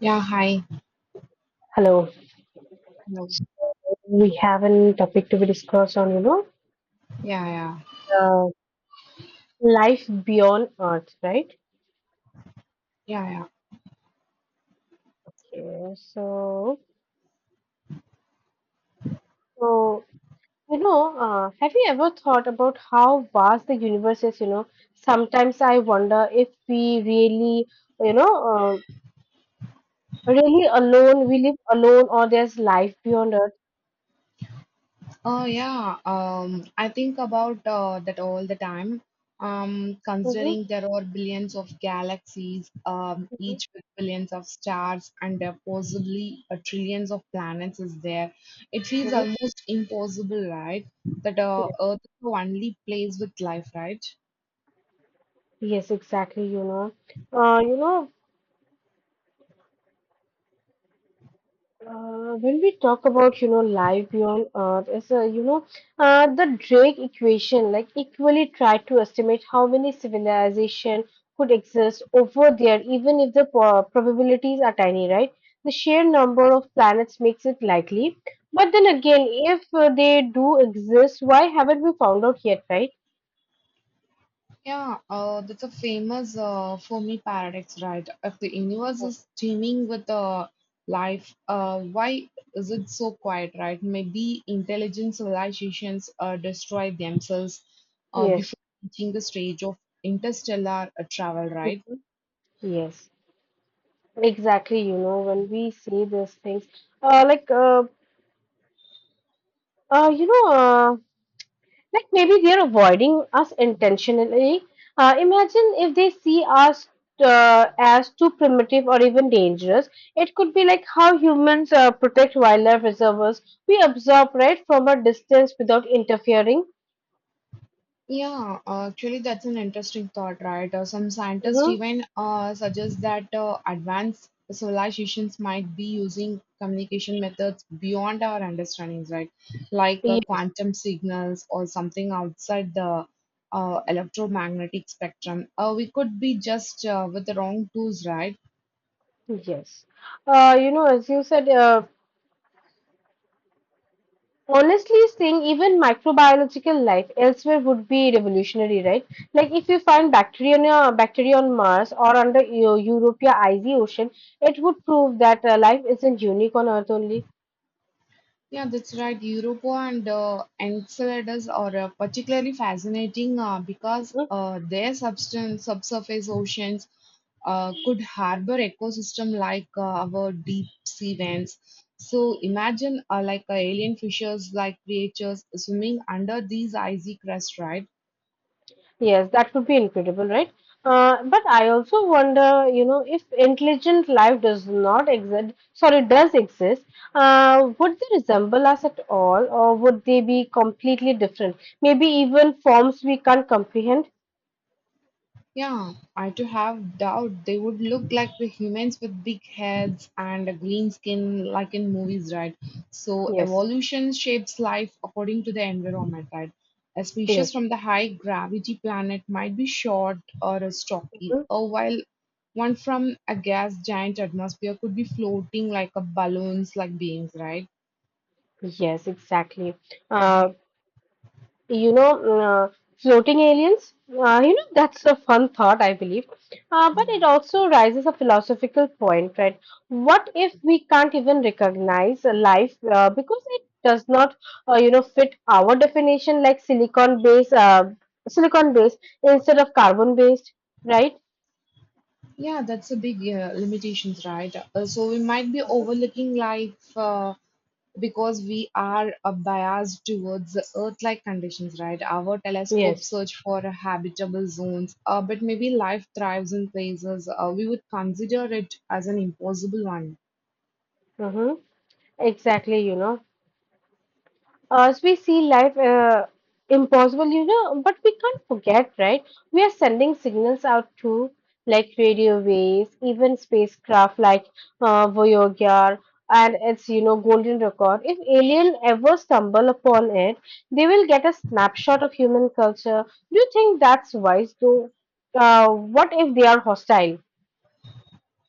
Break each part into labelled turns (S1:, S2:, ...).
S1: Yeah, hi.
S2: Hello.
S1: Hello.
S2: So we have a topic to be discussed on,
S1: Yeah, yeah,
S2: uh, life beyond Earth, right?
S1: yeah, yeah.
S2: Okay. So you know, have you ever thought about how vast the universe is? Sometimes I wonder if we you know, uh, really alone. We live alone, or there's life beyond Earth.
S1: Oh, yeah. I think about that all the time.
S2: Hmm,
S1: Considering there are billions of galaxies,
S2: hmm,
S1: each with billions of stars, and there possibly trillions of planets is there. It feels
S2: hmm.
S1: almost impossible, right? That Earth is the only place with life, right?
S2: Yes, exactly. Uh, you know, when we talk about, life beyond Earth, as a, the Drake equation, like equally tried to estimate how many civilization could exist over there, even if the probabilities are tiny, right? The sheer number of planets makes it likely. But then again, if they do exist, why haven't we found out yet, right?
S1: Yeah, that's a famous Fermi paradox, right? If the universe is teeming with why is it so quiet, right? Maybe intelligent civilizations destroy themselves before
S2: Yes.
S1: reaching the stage of interstellar travel, right?
S2: Mhm. Yes, exactly. When we see these things, uh, like, uh, uh, you know, uh, Like maybe they're avoiding us intentionally. Imagine if they see us as too primitive or even dangerous. It could be like how humans protect wildlife reservoirs. We observe right from a distance without interfering.
S1: Yeah, actually, that's an interesting thought, right? Some scientists
S2: Mm-hmm.
S1: even suggest that advanced civilizations might be using communication methods beyond our understandings, right? Like
S2: Yes,
S1: quantum signals or something outside the electromagnetic spectrum. We could be just with the wrong tools, right?
S2: yes. As you said, honestly, seeing even microbiological life elsewhere would be revolutionary, right? Like if you find bacteria on Mars or under Europa icy ocean, it would prove that life isn't unique on Earth only.
S1: Yeah, that's right. Europa and Enceladus are particularly fascinating because
S2: Mhm.
S1: their substance, subsurface oceans could harbor ecosystem like our deep sea vents. So imagine alien fishers like creatures swimming under these icy crust, right?
S2: Yes, that would be incredible, right? But I also wonder, if intelligent life does not exist, sorry, does exist, would they resemble us at all, or would they be completely different? Maybe even forms we can't comprehend?
S1: Yeah, I do have doubt they would look like the humans with big heads and a green skin like in movies, right? So
S2: Yes.
S1: evolution shapes life according to the environment, right? A
S2: Yes.
S1: species from the high gravity planet might be short or a stocky, or while one from a gas giant atmosphere could be floating like a balloons like beings, right?
S2: Yes, exactly. Uh, you know, uh, Floating aliens, that's a fun thought, I believe. But it also raises a philosophical point, right? What if we can't even recognize a life because it does not, fit our definition like silicon based, silicon based instead of carbon based, right?
S1: Yeah, that's a big limitations, right? So we might be overlooking life. Because we are biased towards the Earth-like conditions, right? Our telescope
S2: Yes.
S1: search for habitable zones, but maybe life thrives in places we would consider it as an impossible one.
S2: Mm-hmm. Exactly. As we see life impossible, but we can't forget, right? We are sending signals out to like radio waves, even spacecraft like Voyager and its, golden record. If alien ever stumble upon it, they will get a snapshot of human culture. Do you think that's wise, though? What if they are hostile?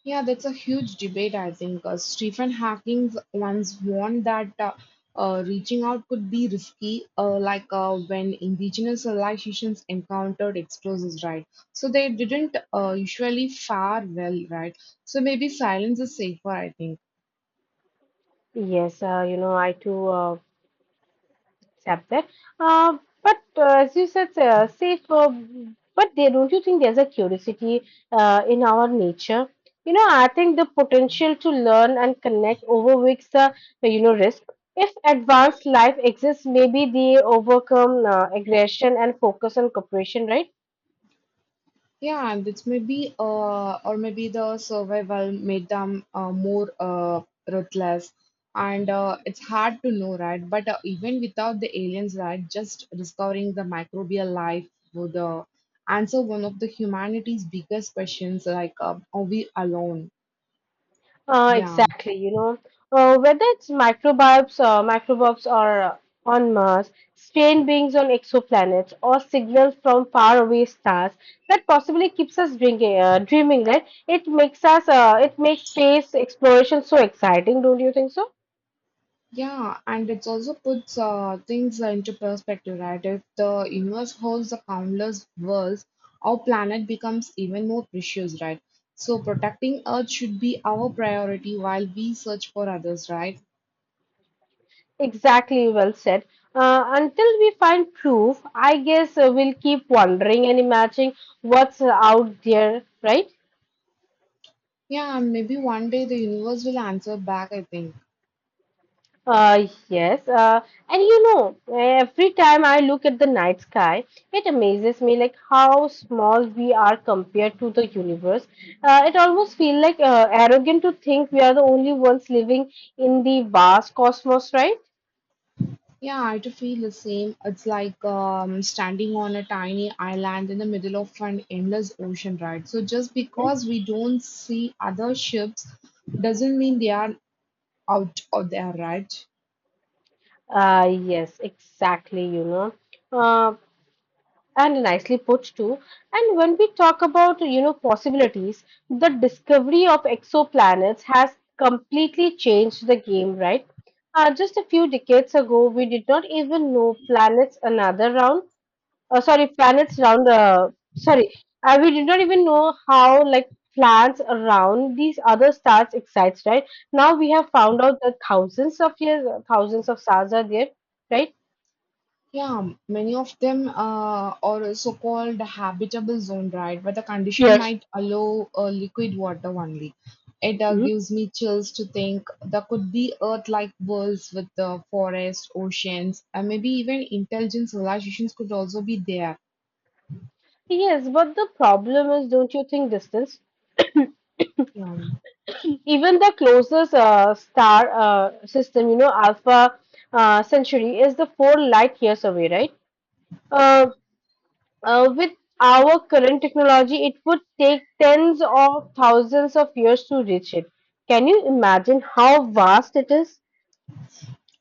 S1: Yeah, that's a huge debate, I think. Stephen Hawking once warned that reaching out could be risky, when indigenous civilizations encountered explosives, right? So they didn't usually fare well, right? So maybe silence is safer, I think.
S2: Yes, I too. Accept that. But as you said, safe. But there, don't you think there's a curiosity in our nature? I think the potential to learn and connect overweighs the risk. If advanced life exists, maybe they overcome aggression and focus on cooperation, right?
S1: Yeah, and it's maybe or maybe the survival made them more ruthless, and it's hard to know, right? But even without the aliens, right, just discovering the microbial life would answer one of the humanity's biggest questions, like are we alone?
S2: Uh,
S1: Yeah.
S2: exactly, you know, uh, whether it's microbes or on Mars, strange beings on exoplanets, or signals from faraway stars that possibly keeps us drinking, dreaming. Right? It makes space exploration so exciting, don't you think so?
S1: Yeah, and it also puts things into perspective, right? If the universe holds the countless worlds, our planet becomes even more precious, right? So protecting Earth should be our priority while we search for others, right?
S2: Exactly, well said. Until we find proof, I guess we'll keep wondering and imagining what's out there, right?
S1: Yeah, and maybe one day the universe will answer back, I think.
S2: Yes, and every time I look at the night sky, it amazes me like how small we are compared to the universe. It almost feels like arrogant to think we are the only ones living in the vast cosmos, right?
S1: Yeah, I too feel the same. It's like standing on a tiny island in the middle of an endless ocean, right? So just because we don't see other ships doesn't mean they are out of their right.
S2: Yes, exactly. Uh, and nicely put too. And when we talk about possibilities, the discovery of exoplanets has completely changed the game, right? Just a few decades ago we did not even know planets another round, sorry, planets round, sorry, we did not even know how like planets around these other stars excites, right? Now we have found out that thousands of years, thousands of stars are there, right?
S1: Yeah, many of them are also called habitable zone, right? Where the condition
S2: Yes.
S1: might allow liquid water only. It gives me chills to think there could be Earth-like worlds with the forest, oceans, and maybe even intelligent civilizations could also be there.
S2: Yes, but the problem is, don't you think distance?
S1: Yeah.
S2: Even the closest star system, Alpha Centauri is the 4 light years away, right? Uh, with our current technology, it would take tens of thousands of years to reach it. Can you imagine how vast it is?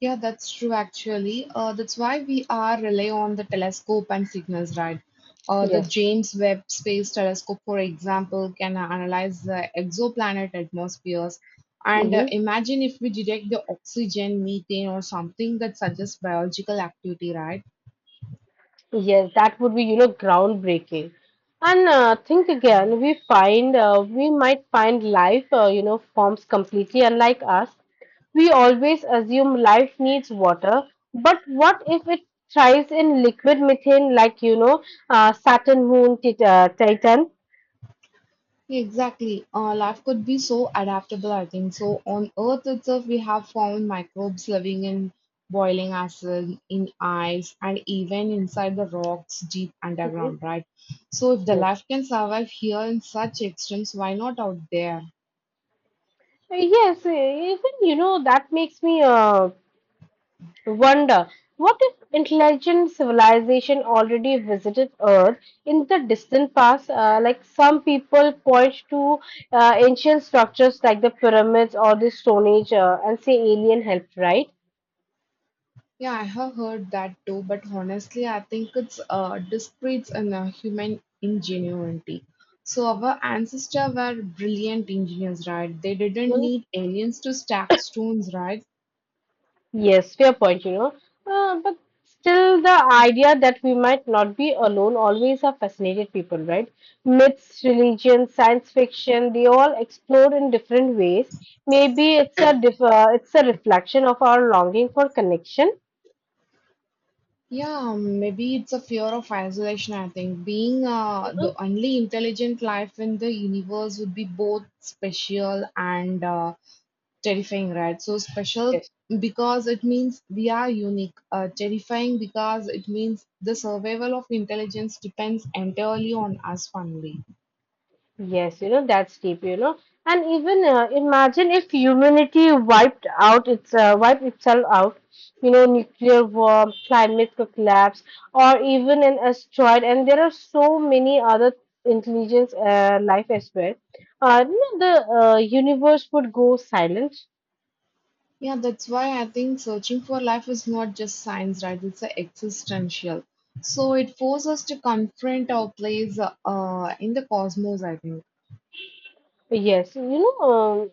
S1: Yeah, that's true actually. That's why we are rely on the telescope and signals, right? The
S2: Yes.
S1: James Webb Space Telescope, for example, can analyze the exoplanet atmospheres. And
S2: Mhm.
S1: imagine if we detect the oxygen, methane, or something that suggests biological activity, right?
S2: Yes, that would be, groundbreaking. And think again, we might find life, forms completely unlike us. We always assume life needs water, but what if it thrives in liquid methane, like Saturn, Moon, Titan?
S1: Exactly. Life could be so adaptable, I think. So, on Earth itself, we have found microbes living in boiling acid, in ice, and even inside the rocks deep
S2: Mhm.
S1: underground, right? So, if the
S2: Yes.
S1: life can survive here in such extremes, why not out there?
S2: Yes, even that makes me wonder, what if intelligent civilization already visited Earth in the distant past? Like some people point to ancient structures like the pyramids or the Stone Age and say alien helped, right?
S1: Yeah, I have heard that too, but honestly, I think it's discreet in human ingenuity. So our ancestors were brilliant engineers, right? They didn't need aliens to stack stones, right?
S2: Yes, fair point. But still, the idea that we might not be alone always have fascinated people, right? Myths, religion, science fiction, they all explore in different ways. Maybe it's a reflection of our longing for connection.
S1: Yeah, maybe it's a fear of isolation, I think. Being
S2: Mhm.
S1: the only intelligent life in the universe would be both special and terrifying, right? So, special
S2: Yes.
S1: because it means we are unique, terrifying because it means the survival of intelligence depends entirely on us only.
S2: Yes, that's deep. And even imagine if humanity wiped out its wiped itself out, nuclear war, climate collapse, or even an asteroid. And there are so many other intelligence life as well. The universe would go silent.
S1: Yeah, that's why I think searching for life is not just science, right? It's a existential. So it forces us to confront our place in the cosmos, I think.
S2: Yes,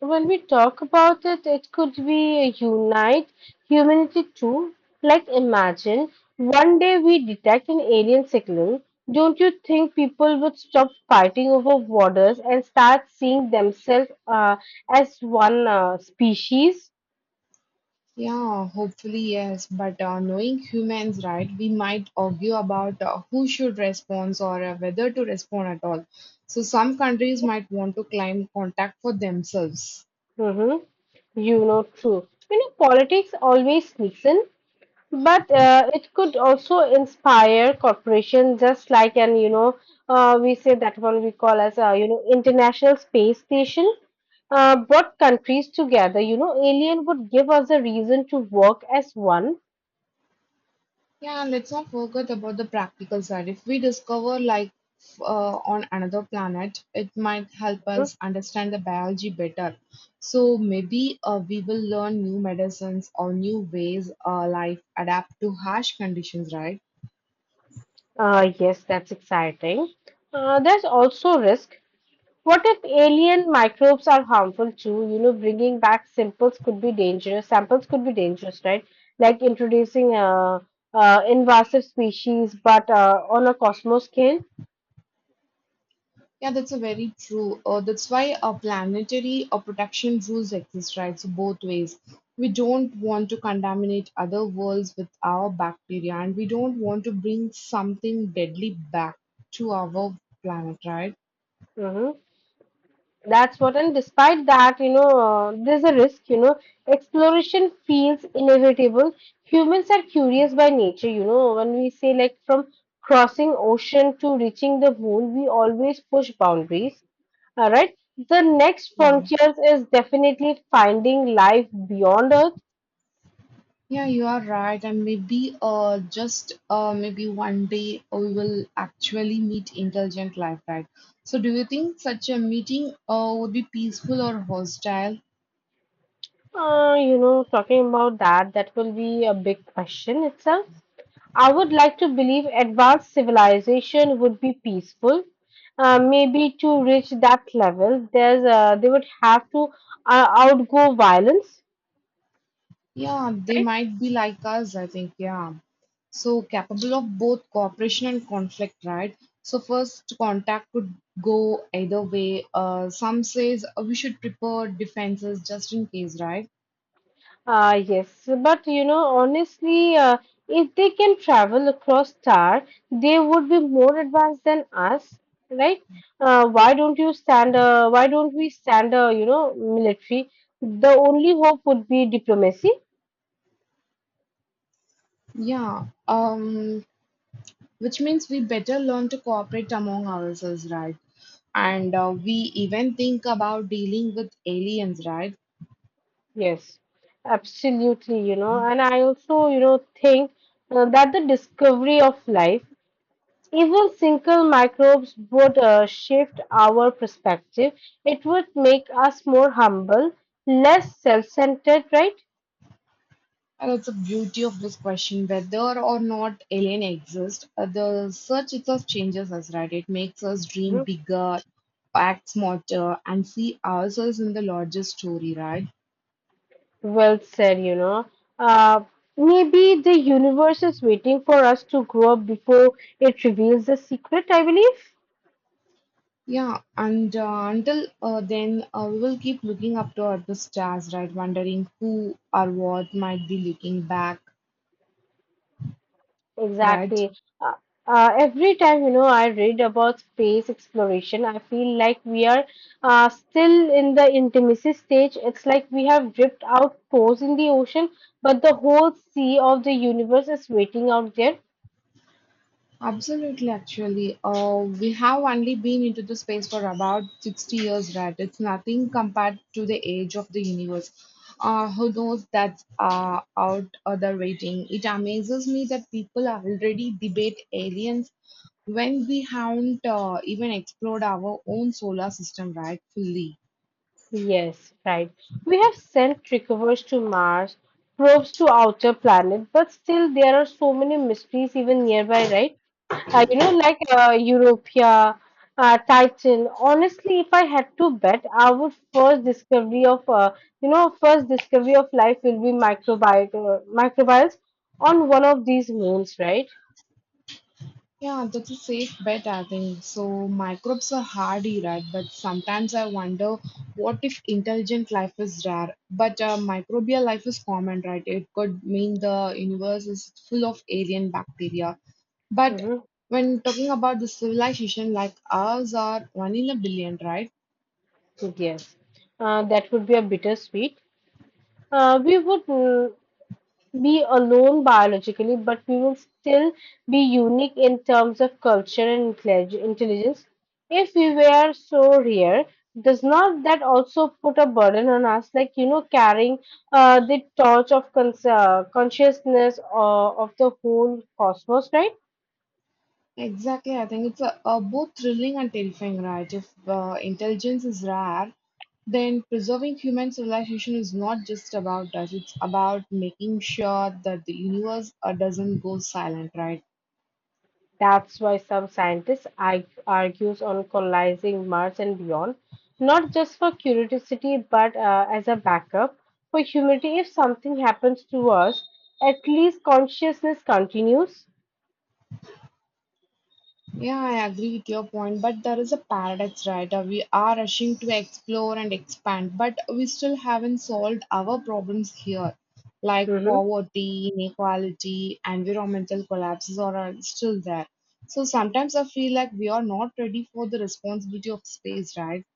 S2: when we talk about it, it could be a unite humanity too. Like, imagine one day we detect an alien signal. Don't you think people would stop fighting over borders and start seeing themselves as one species?
S1: Yeah, hopefully, yes. But knowing humans, right, we might argue about who should respond or whether to respond at all. So, some countries might want to claim contact for themselves.
S2: Mm-hmm. True. Politics always sneaks in. But it could also inspire corporations, just like an we say that one we call as international space station. Brought countries together, alien would give us a reason to work as one.
S1: Yeah, and let's not forget about the practical side. If we discover life on another planet, it might help
S2: Mhm.
S1: us understand the biology better. So, maybe we will learn new medicines or new ways life adapt to harsh conditions, right?
S2: Yes, that's exciting. There's also risk. What if alien microbes are harmful too? Bringing back samples could be dangerous. Samples could be dangerous, right? Like introducing invasive species, but on a cosmos scale.
S1: Yeah, that's a very true. That's why a planetary or protection rules exist, right? So both ways. We don't want to contaminate other worlds with our bacteria, and we don't want to bring something deadly back to our planet, right?
S2: Hmm. That's what, and despite that, there's a risk, exploration feels inevitable. Humans are curious by nature, when we say like from crossing ocean to reaching the moon, we always push boundaries. All right. The next
S1: Yeah.
S2: frontiers is definitely finding life beyond Earth.
S1: Yeah, you are right. And maybe just maybe one day we will actually meet intelligent life, right? So do you think such a meeting would be peaceful or hostile?
S2: Talking about that, that will be a big question itself. I would like to believe advanced civilization would be peaceful. Maybe to reach that level, there's they would have to outgo violence,
S1: Yeah, they
S2: right?
S1: might be like us, I think. Yeah. So capable of both cooperation and conflict, right? So first contact could go either way. Some says we should prepare defenses just in case, right?
S2: Yes, but honestly, if they can travel across star, they would be more advanced than us, right? Why don't we stand a, military? The only hope would be diplomacy.
S1: Yeah. Which means we better learn to cooperate among ourselves, right? And we even think about dealing with aliens, right?
S2: Yes, absolutely, and I also, think that the discovery of life, even single microbes would shift our perspective. It would make us more humble, less self-centered, right?
S1: And that's the beauty of this question whether or not alien exist, the search itself changes us, right? It makes us dream
S2: Mhm.
S1: bigger, act smarter, and see ourselves in the larger story, right?
S2: Well said. Uh, Maybe the universe is waiting for us to grow up before it reveals the secret, I believe.
S1: Yeah, and until then, we will keep looking up toward the stars, right? Wondering who or what might be looking back, right?
S2: Exactly. Uh, every time, I read about space exploration, I feel like we are still in the intimacy stage. It's like we have dripped out cores in the ocean, but the whole sea of the universe is waiting out there.
S1: Absolutely, actually. We have only been into the space for about 60 years, right? It's nothing compared to the age of the universe. Who knows that's out of the rating? It amazes me that people already debate aliens when we haven't even explored our own solar system, right? Fully.
S2: Yes, right. We have sent recovers to Mars, probes to outer planets, but still there are so many mysteries even nearby, right? Like Europia, Titan. Honestly, if I had to bet, I would first discovery of, you know, first discovery of life will be microbials on one of these moons, right?
S1: Yeah, that's a safe bet, I think. So, microbes are hardy, right? But sometimes I wonder what if intelligent life is rare, but microbial life is common, right? It could mean the universe is full of alien bacteria. But
S2: Hmm.
S1: when talking about the civilization like ours are one in a billion, right?
S2: Yes, that would be a bittersweet. We would be alone biologically, but we will still be unique in terms of culture and intelligence. If we were so rare, does not that also put a burden on us, like carrying the torch of consciousness of the whole cosmos, right?
S1: Exactly, I think it's a both thrilling and terrifying, right? If intelligence is rare, then preserving human civilization is not just about us, it's about making sure that the universe doesn't go silent, right?
S2: That's why some scientists argues on colonizing Mars and beyond, not just for curiosity, but as a backup for humanity. If something happens to us, at least consciousness continues.
S1: Yeah, I agree with your point, but there is a paradox, right? We are rushing to explore and expand, but we still haven't solved our problems here, like
S2: Hmm.
S1: poverty, inequality, environmental collapses are still there. So sometimes I feel like we are not ready for the responsibility of space, right?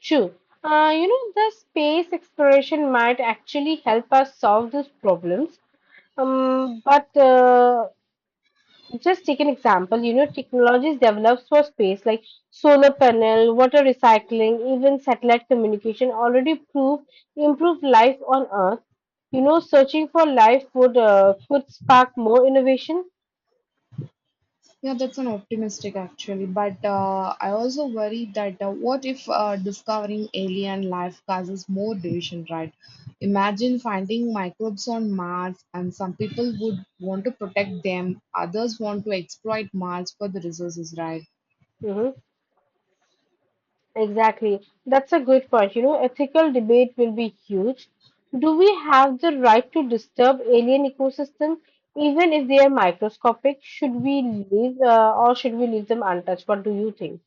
S2: True. The space exploration might actually help us solve these problems. But just take an example, technologies developed for space like solar panel, water recycling, even satellite communication already prove improve life on Earth. Searching for life would could spark more innovation.
S1: Yeah, that's an optimistic actually, but I also worry that what if discovering alien life causes more division, right? Imagine finding microbes on Mars, and some people would want to protect them, others want to exploit Mars for the resources, right?
S2: Hmm. Exactly, that's a good point. Ethical debate will be huge. Do we have the right to disturb alien ecosystems, even if they are microscopic? Should we leave or should we leave them untouched? What do you think?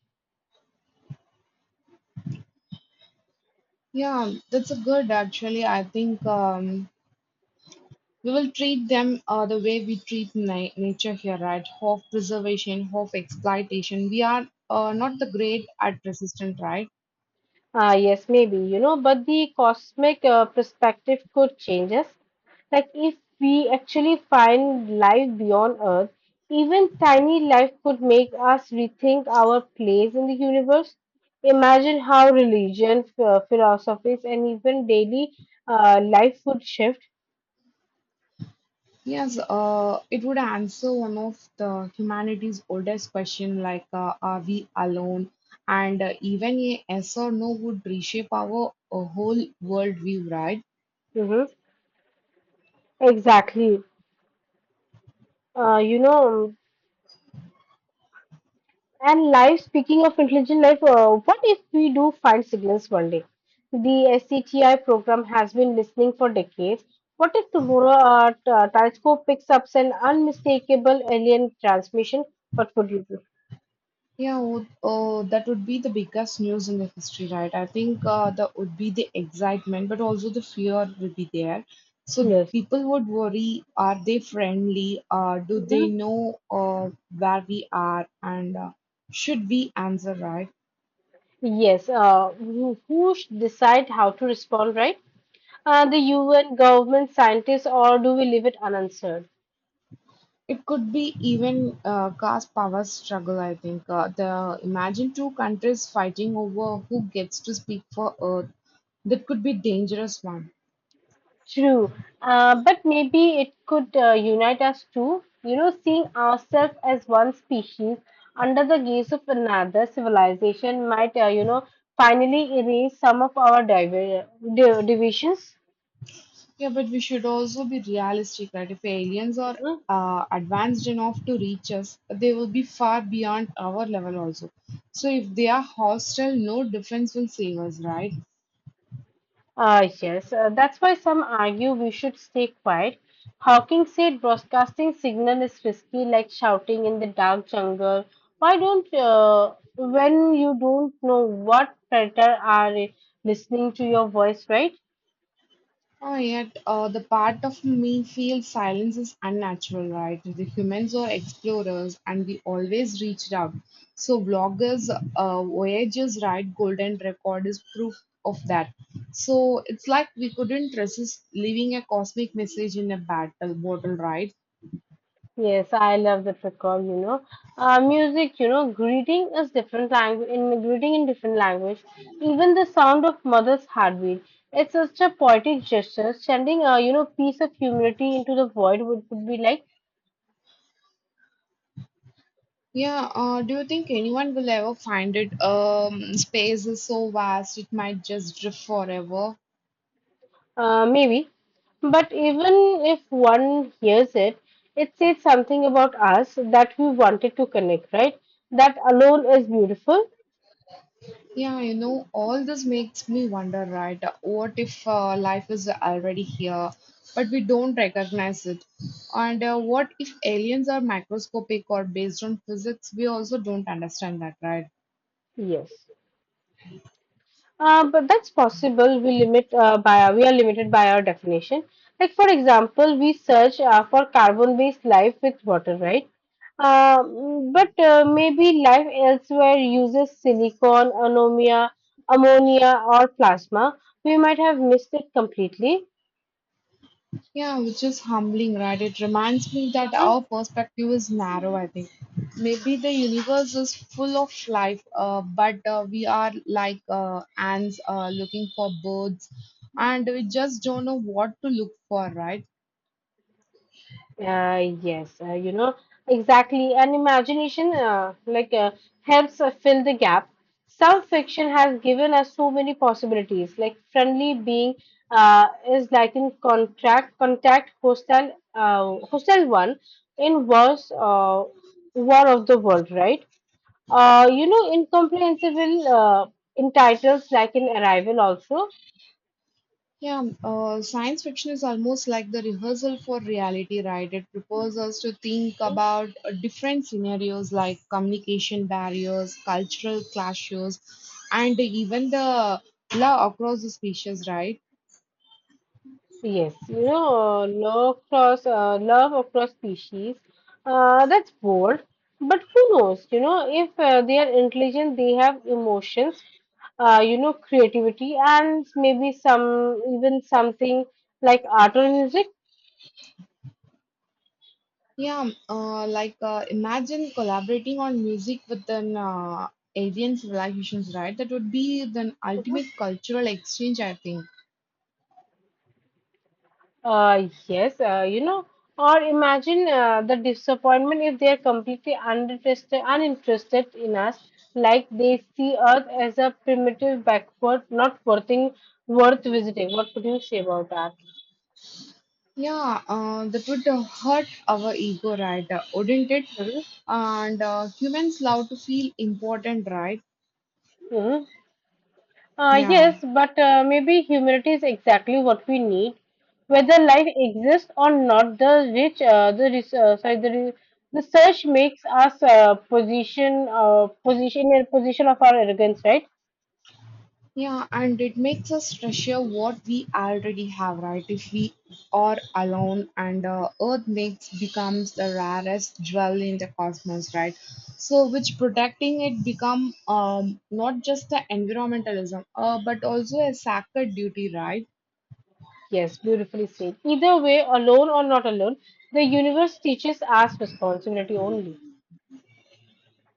S1: Yeah, that's a good actually. I think we will treat them the way we treat nature here, right? Of preservation, of exploitation. We are not the great at resistance, right?
S2: Ah yes, maybe, you know, but the cosmic perspective could change us. Like, if we actually find life beyond Earth, even tiny life could make us rethink our place in the universe. Imagine how religion, philosophies, and even daily life would shift.
S1: Yes, it would answer one of the humanity's oldest question like are we alone? And even a yes or no would reshape our whole world view, right?
S2: Hmm. Exactly. Uh, you know, And life, speaking of intelligent life, what if we do find signals one day? The SCTI program has been listening for decades. What if tomorrow our telescope picks up an unmistakable alien transmission? What would you do?
S1: That would be the biggest news in the history, right? I think that would be the excitement, but also the fear would be there. So
S2: Yes.
S1: people would worry, are they friendly? Do they
S2: Mhm.
S1: know where we are? And should we answer right?
S2: Yes. Who should decide how to respond, right? The UN, government scientists, or do we leave it unanswered?
S1: It could be even caste power struggle, I think. The Imagine two countries fighting over who gets to speak for Earth. That could be dangerous one.
S2: True, but maybe it could unite us too. You know, seeing ourselves as one species under the gaze of another civilization might, finally erase some of our divisions.
S1: Yeah, but we should also be realistic, right? If aliens are advanced enough to reach us, they will be far beyond our level also. So if they are hostile, no defense will save us, right?
S2: Yes, that's why some argue we should stay quiet. Hawking said broadcasting signal is risky, like shouting in the dark jungle. Why don't, When you don't know what predator are listening to your voice, right?
S1: Oh, yet the part of me feels silence is unnatural, right? The humans are explorers and we always reached out. So, bloggers, voyagers, right? Golden record is proof of that. So, it's like we couldn't resist leaving a cosmic message in a battle bottle, right?
S2: Yes, I love the recall, you know. Music, you know, greeting is different language in greeting in different language. Even the sound of mother's heartbeat. It's such a poetic gesture, sending a you know piece of humility into the void would be like.
S1: Yeah, do you think anyone will ever find it? Space is so vast, it might just drift forever.
S2: Maybe. But even if one hears it, it says something about us that we wanted to connect, right? That alone is beautiful.
S1: Yeah, you know, all this makes me wonder, right? What if life is already here, but we don't recognize it? And what if aliens are microscopic or based on physics? We also don't understand that, right?
S2: Yes. But that's possible. We are limited by our definition. Like for example, we search for carbon-based life with water, right? Uh, but Maybe life elsewhere uses silicon, ammonia, or plasma. We might have missed it completely.
S1: Yeah, which is humbling, right? It reminds me that
S2: Uh-huh.
S1: our perspective is narrow, I think. Maybe the universe is full of life, but we are like ants looking for birds, and we just don't know what to look for, right?
S2: Uh, yes, uh, you know, exactly. And imagination, helps fill the gap. Some fiction has given us so many possibilities, like friendly being is like in contract, contact, hostile, hostile one in wars, war of the world, right? Incomprehensible in titles like in Arrival also.
S1: Yeah, Science fiction is almost like the rehearsal for reality, right? It prepares us to think about different scenarios like communication barriers, cultural clashes, and even the love across the species, right?
S2: Yes, you know, love across species. That's bold, but who knows? You know, if they are intelligent, they have emotions, creativity, and maybe something like art or music.
S1: Imagine collaborating on music with an alien civilizations, right? That would be the ultimate cultural exchange, I think.
S2: Uh, yes, uh, you know, or imagine the disappointment if they are completely uninterested in us, like they see Earth as a primitive, backward, not worthing, worth visiting. What would you say about that?
S1: Yeah, that would hurt our ego, right? Wouldn't it?
S2: Hmm.
S1: And humans love to feel important, right?
S2: Hmm.
S1: Yeah,
S2: Yes, but maybe humanity is exactly what we need. Whether life exists or not, the rich, the res- sorry, the re- the search makes us position, position in a position of our arrogance, right?
S1: yeah, and it makes us treasure what we already have, right? If we are alone, and Earth makes becomes the rarest jewel in the cosmos, right? So, which protecting it become not just the environmentalism, but also a sacred duty, right?
S2: Yes, beautifully said. Either way, alone or not alone, the universe teaches us responsibility only.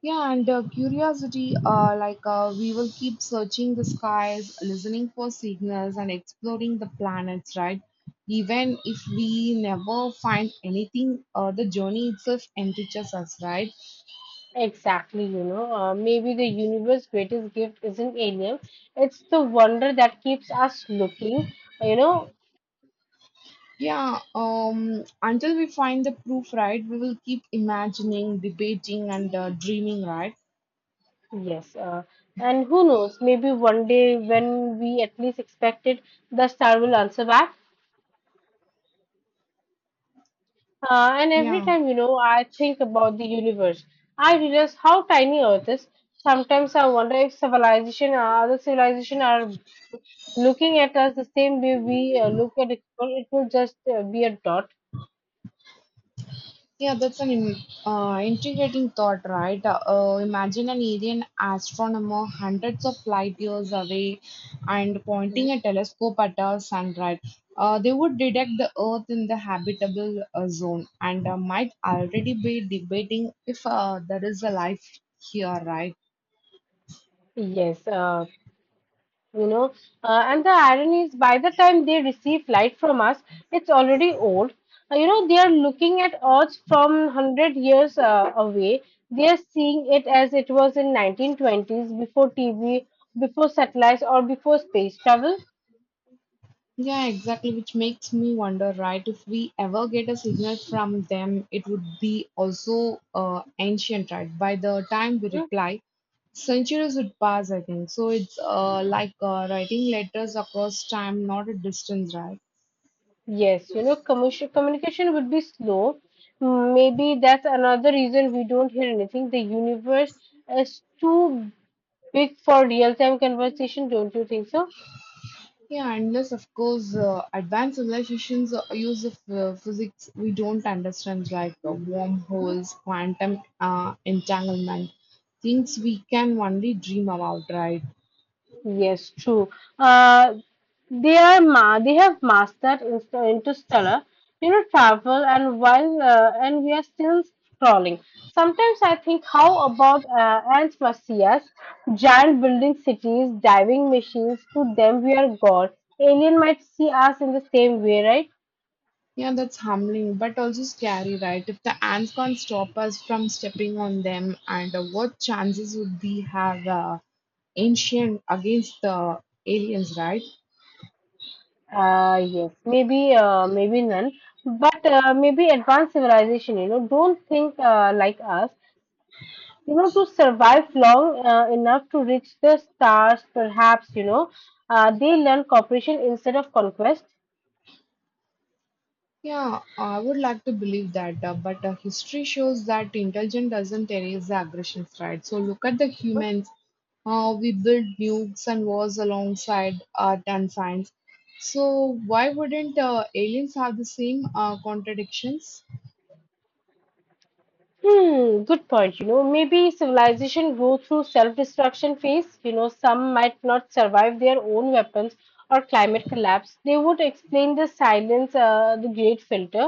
S1: Yeah, and curiosity, we will keep searching the skies, listening for signals, and exploring the planets, right? Even if we never find anything, the journey itself enriches us, right?
S2: Exactly, you know. Maybe the universe's greatest gift isn't alien, it's the wonder that keeps us looking, you know.
S1: Yeah, until we find the proof, right, we will keep imagining, debating, and dreaming, right?
S2: Yes, and who knows, maybe one day when we at least expect it, the star will answer back. And every
S1: Yeah.
S2: time, you know, I think about the universe, I realize how tiny Earth is. Sometimes I wonder if other civilization are looking at us the same way we look at it. It will just be a dot.
S1: Yeah, that's an im- Integrating thought, right? Imagine an alien astronomer hundreds of light years away and pointing
S2: Mhm.
S1: a telescope at our sun, right? They would detect the Earth in the habitable zone and might already be debating if there is a life here, right?
S2: Yes, you know and the irony is by the time they receive light from us it's already old. You know, they are looking at earth from 100 years away, they are seeing it as it was in 1920s, before tv, before satellites, or before space travel.
S1: Yeah, exactly, which makes me wonder, right? If we ever get a signal from them, it would be also ancient, right? By the time we
S2: Mm.
S1: reply, centuries would pass, I think. So it's writing letters across time, not a distance, right?
S2: Yes, you know, commercial communication would be slow. Mm, maybe that's another reason we don't hear anything. The universe is too big for real time conversation, don't you think so?
S1: Yeah, unless, of course, advanced civilizations use of physics we don't understand, like wormholes, quantum entanglement, things we can only dream about, right?
S2: Yes, true. Uh, they are ma They have mastered interstellar, you know, travel, and we are still crawling. Sometimes I think, how about ants must see us? Giant building cities, diving machines. To them, we are gods. Alien might see us in the same way, right?
S1: Yeah, that's humbling, but also scary, right? If the ants can't stop us from stepping on them, and what chances would we have ancient against the aliens, right?
S2: Maybe none, but maybe advanced civilization, you know, don't think like us. You know, to survive long enough to reach the stars, perhaps, you know, they learn cooperation instead of conquest.
S1: Yeah, I would like to believe that, but history shows that intelligence doesn't erase the aggressions, right? So look at the humans, how we built nukes and wars alongside art and science. So why wouldn't aliens have the same contradictions?
S2: Hmm, good point, you know. Maybe civilization go through self-destruction phase, you know, some might not survive their own weapons or climate collapse. They would explain the silence, the great filter.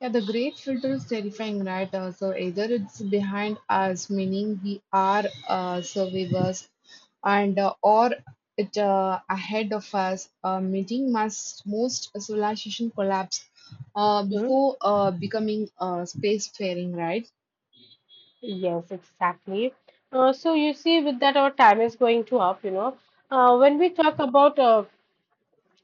S1: Yeah, the great filter is terrifying, right? So either it's behind us, meaning we are survivors, and or it ahead of us, meeting must most civilization collapse
S2: Mhm.
S1: before becoming spacefaring, right?
S2: Yes, exactly. So you see, with that, our time is going to up, you know. When we talk about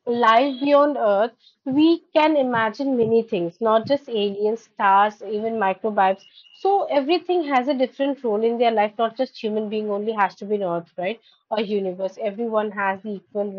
S2: life beyond Earth, we can imagine many things, not just aliens, stars, even microbes. So everything has a different role in their life, not just human being only has to be on Earth, right? Or universe. Everyone has the equal right.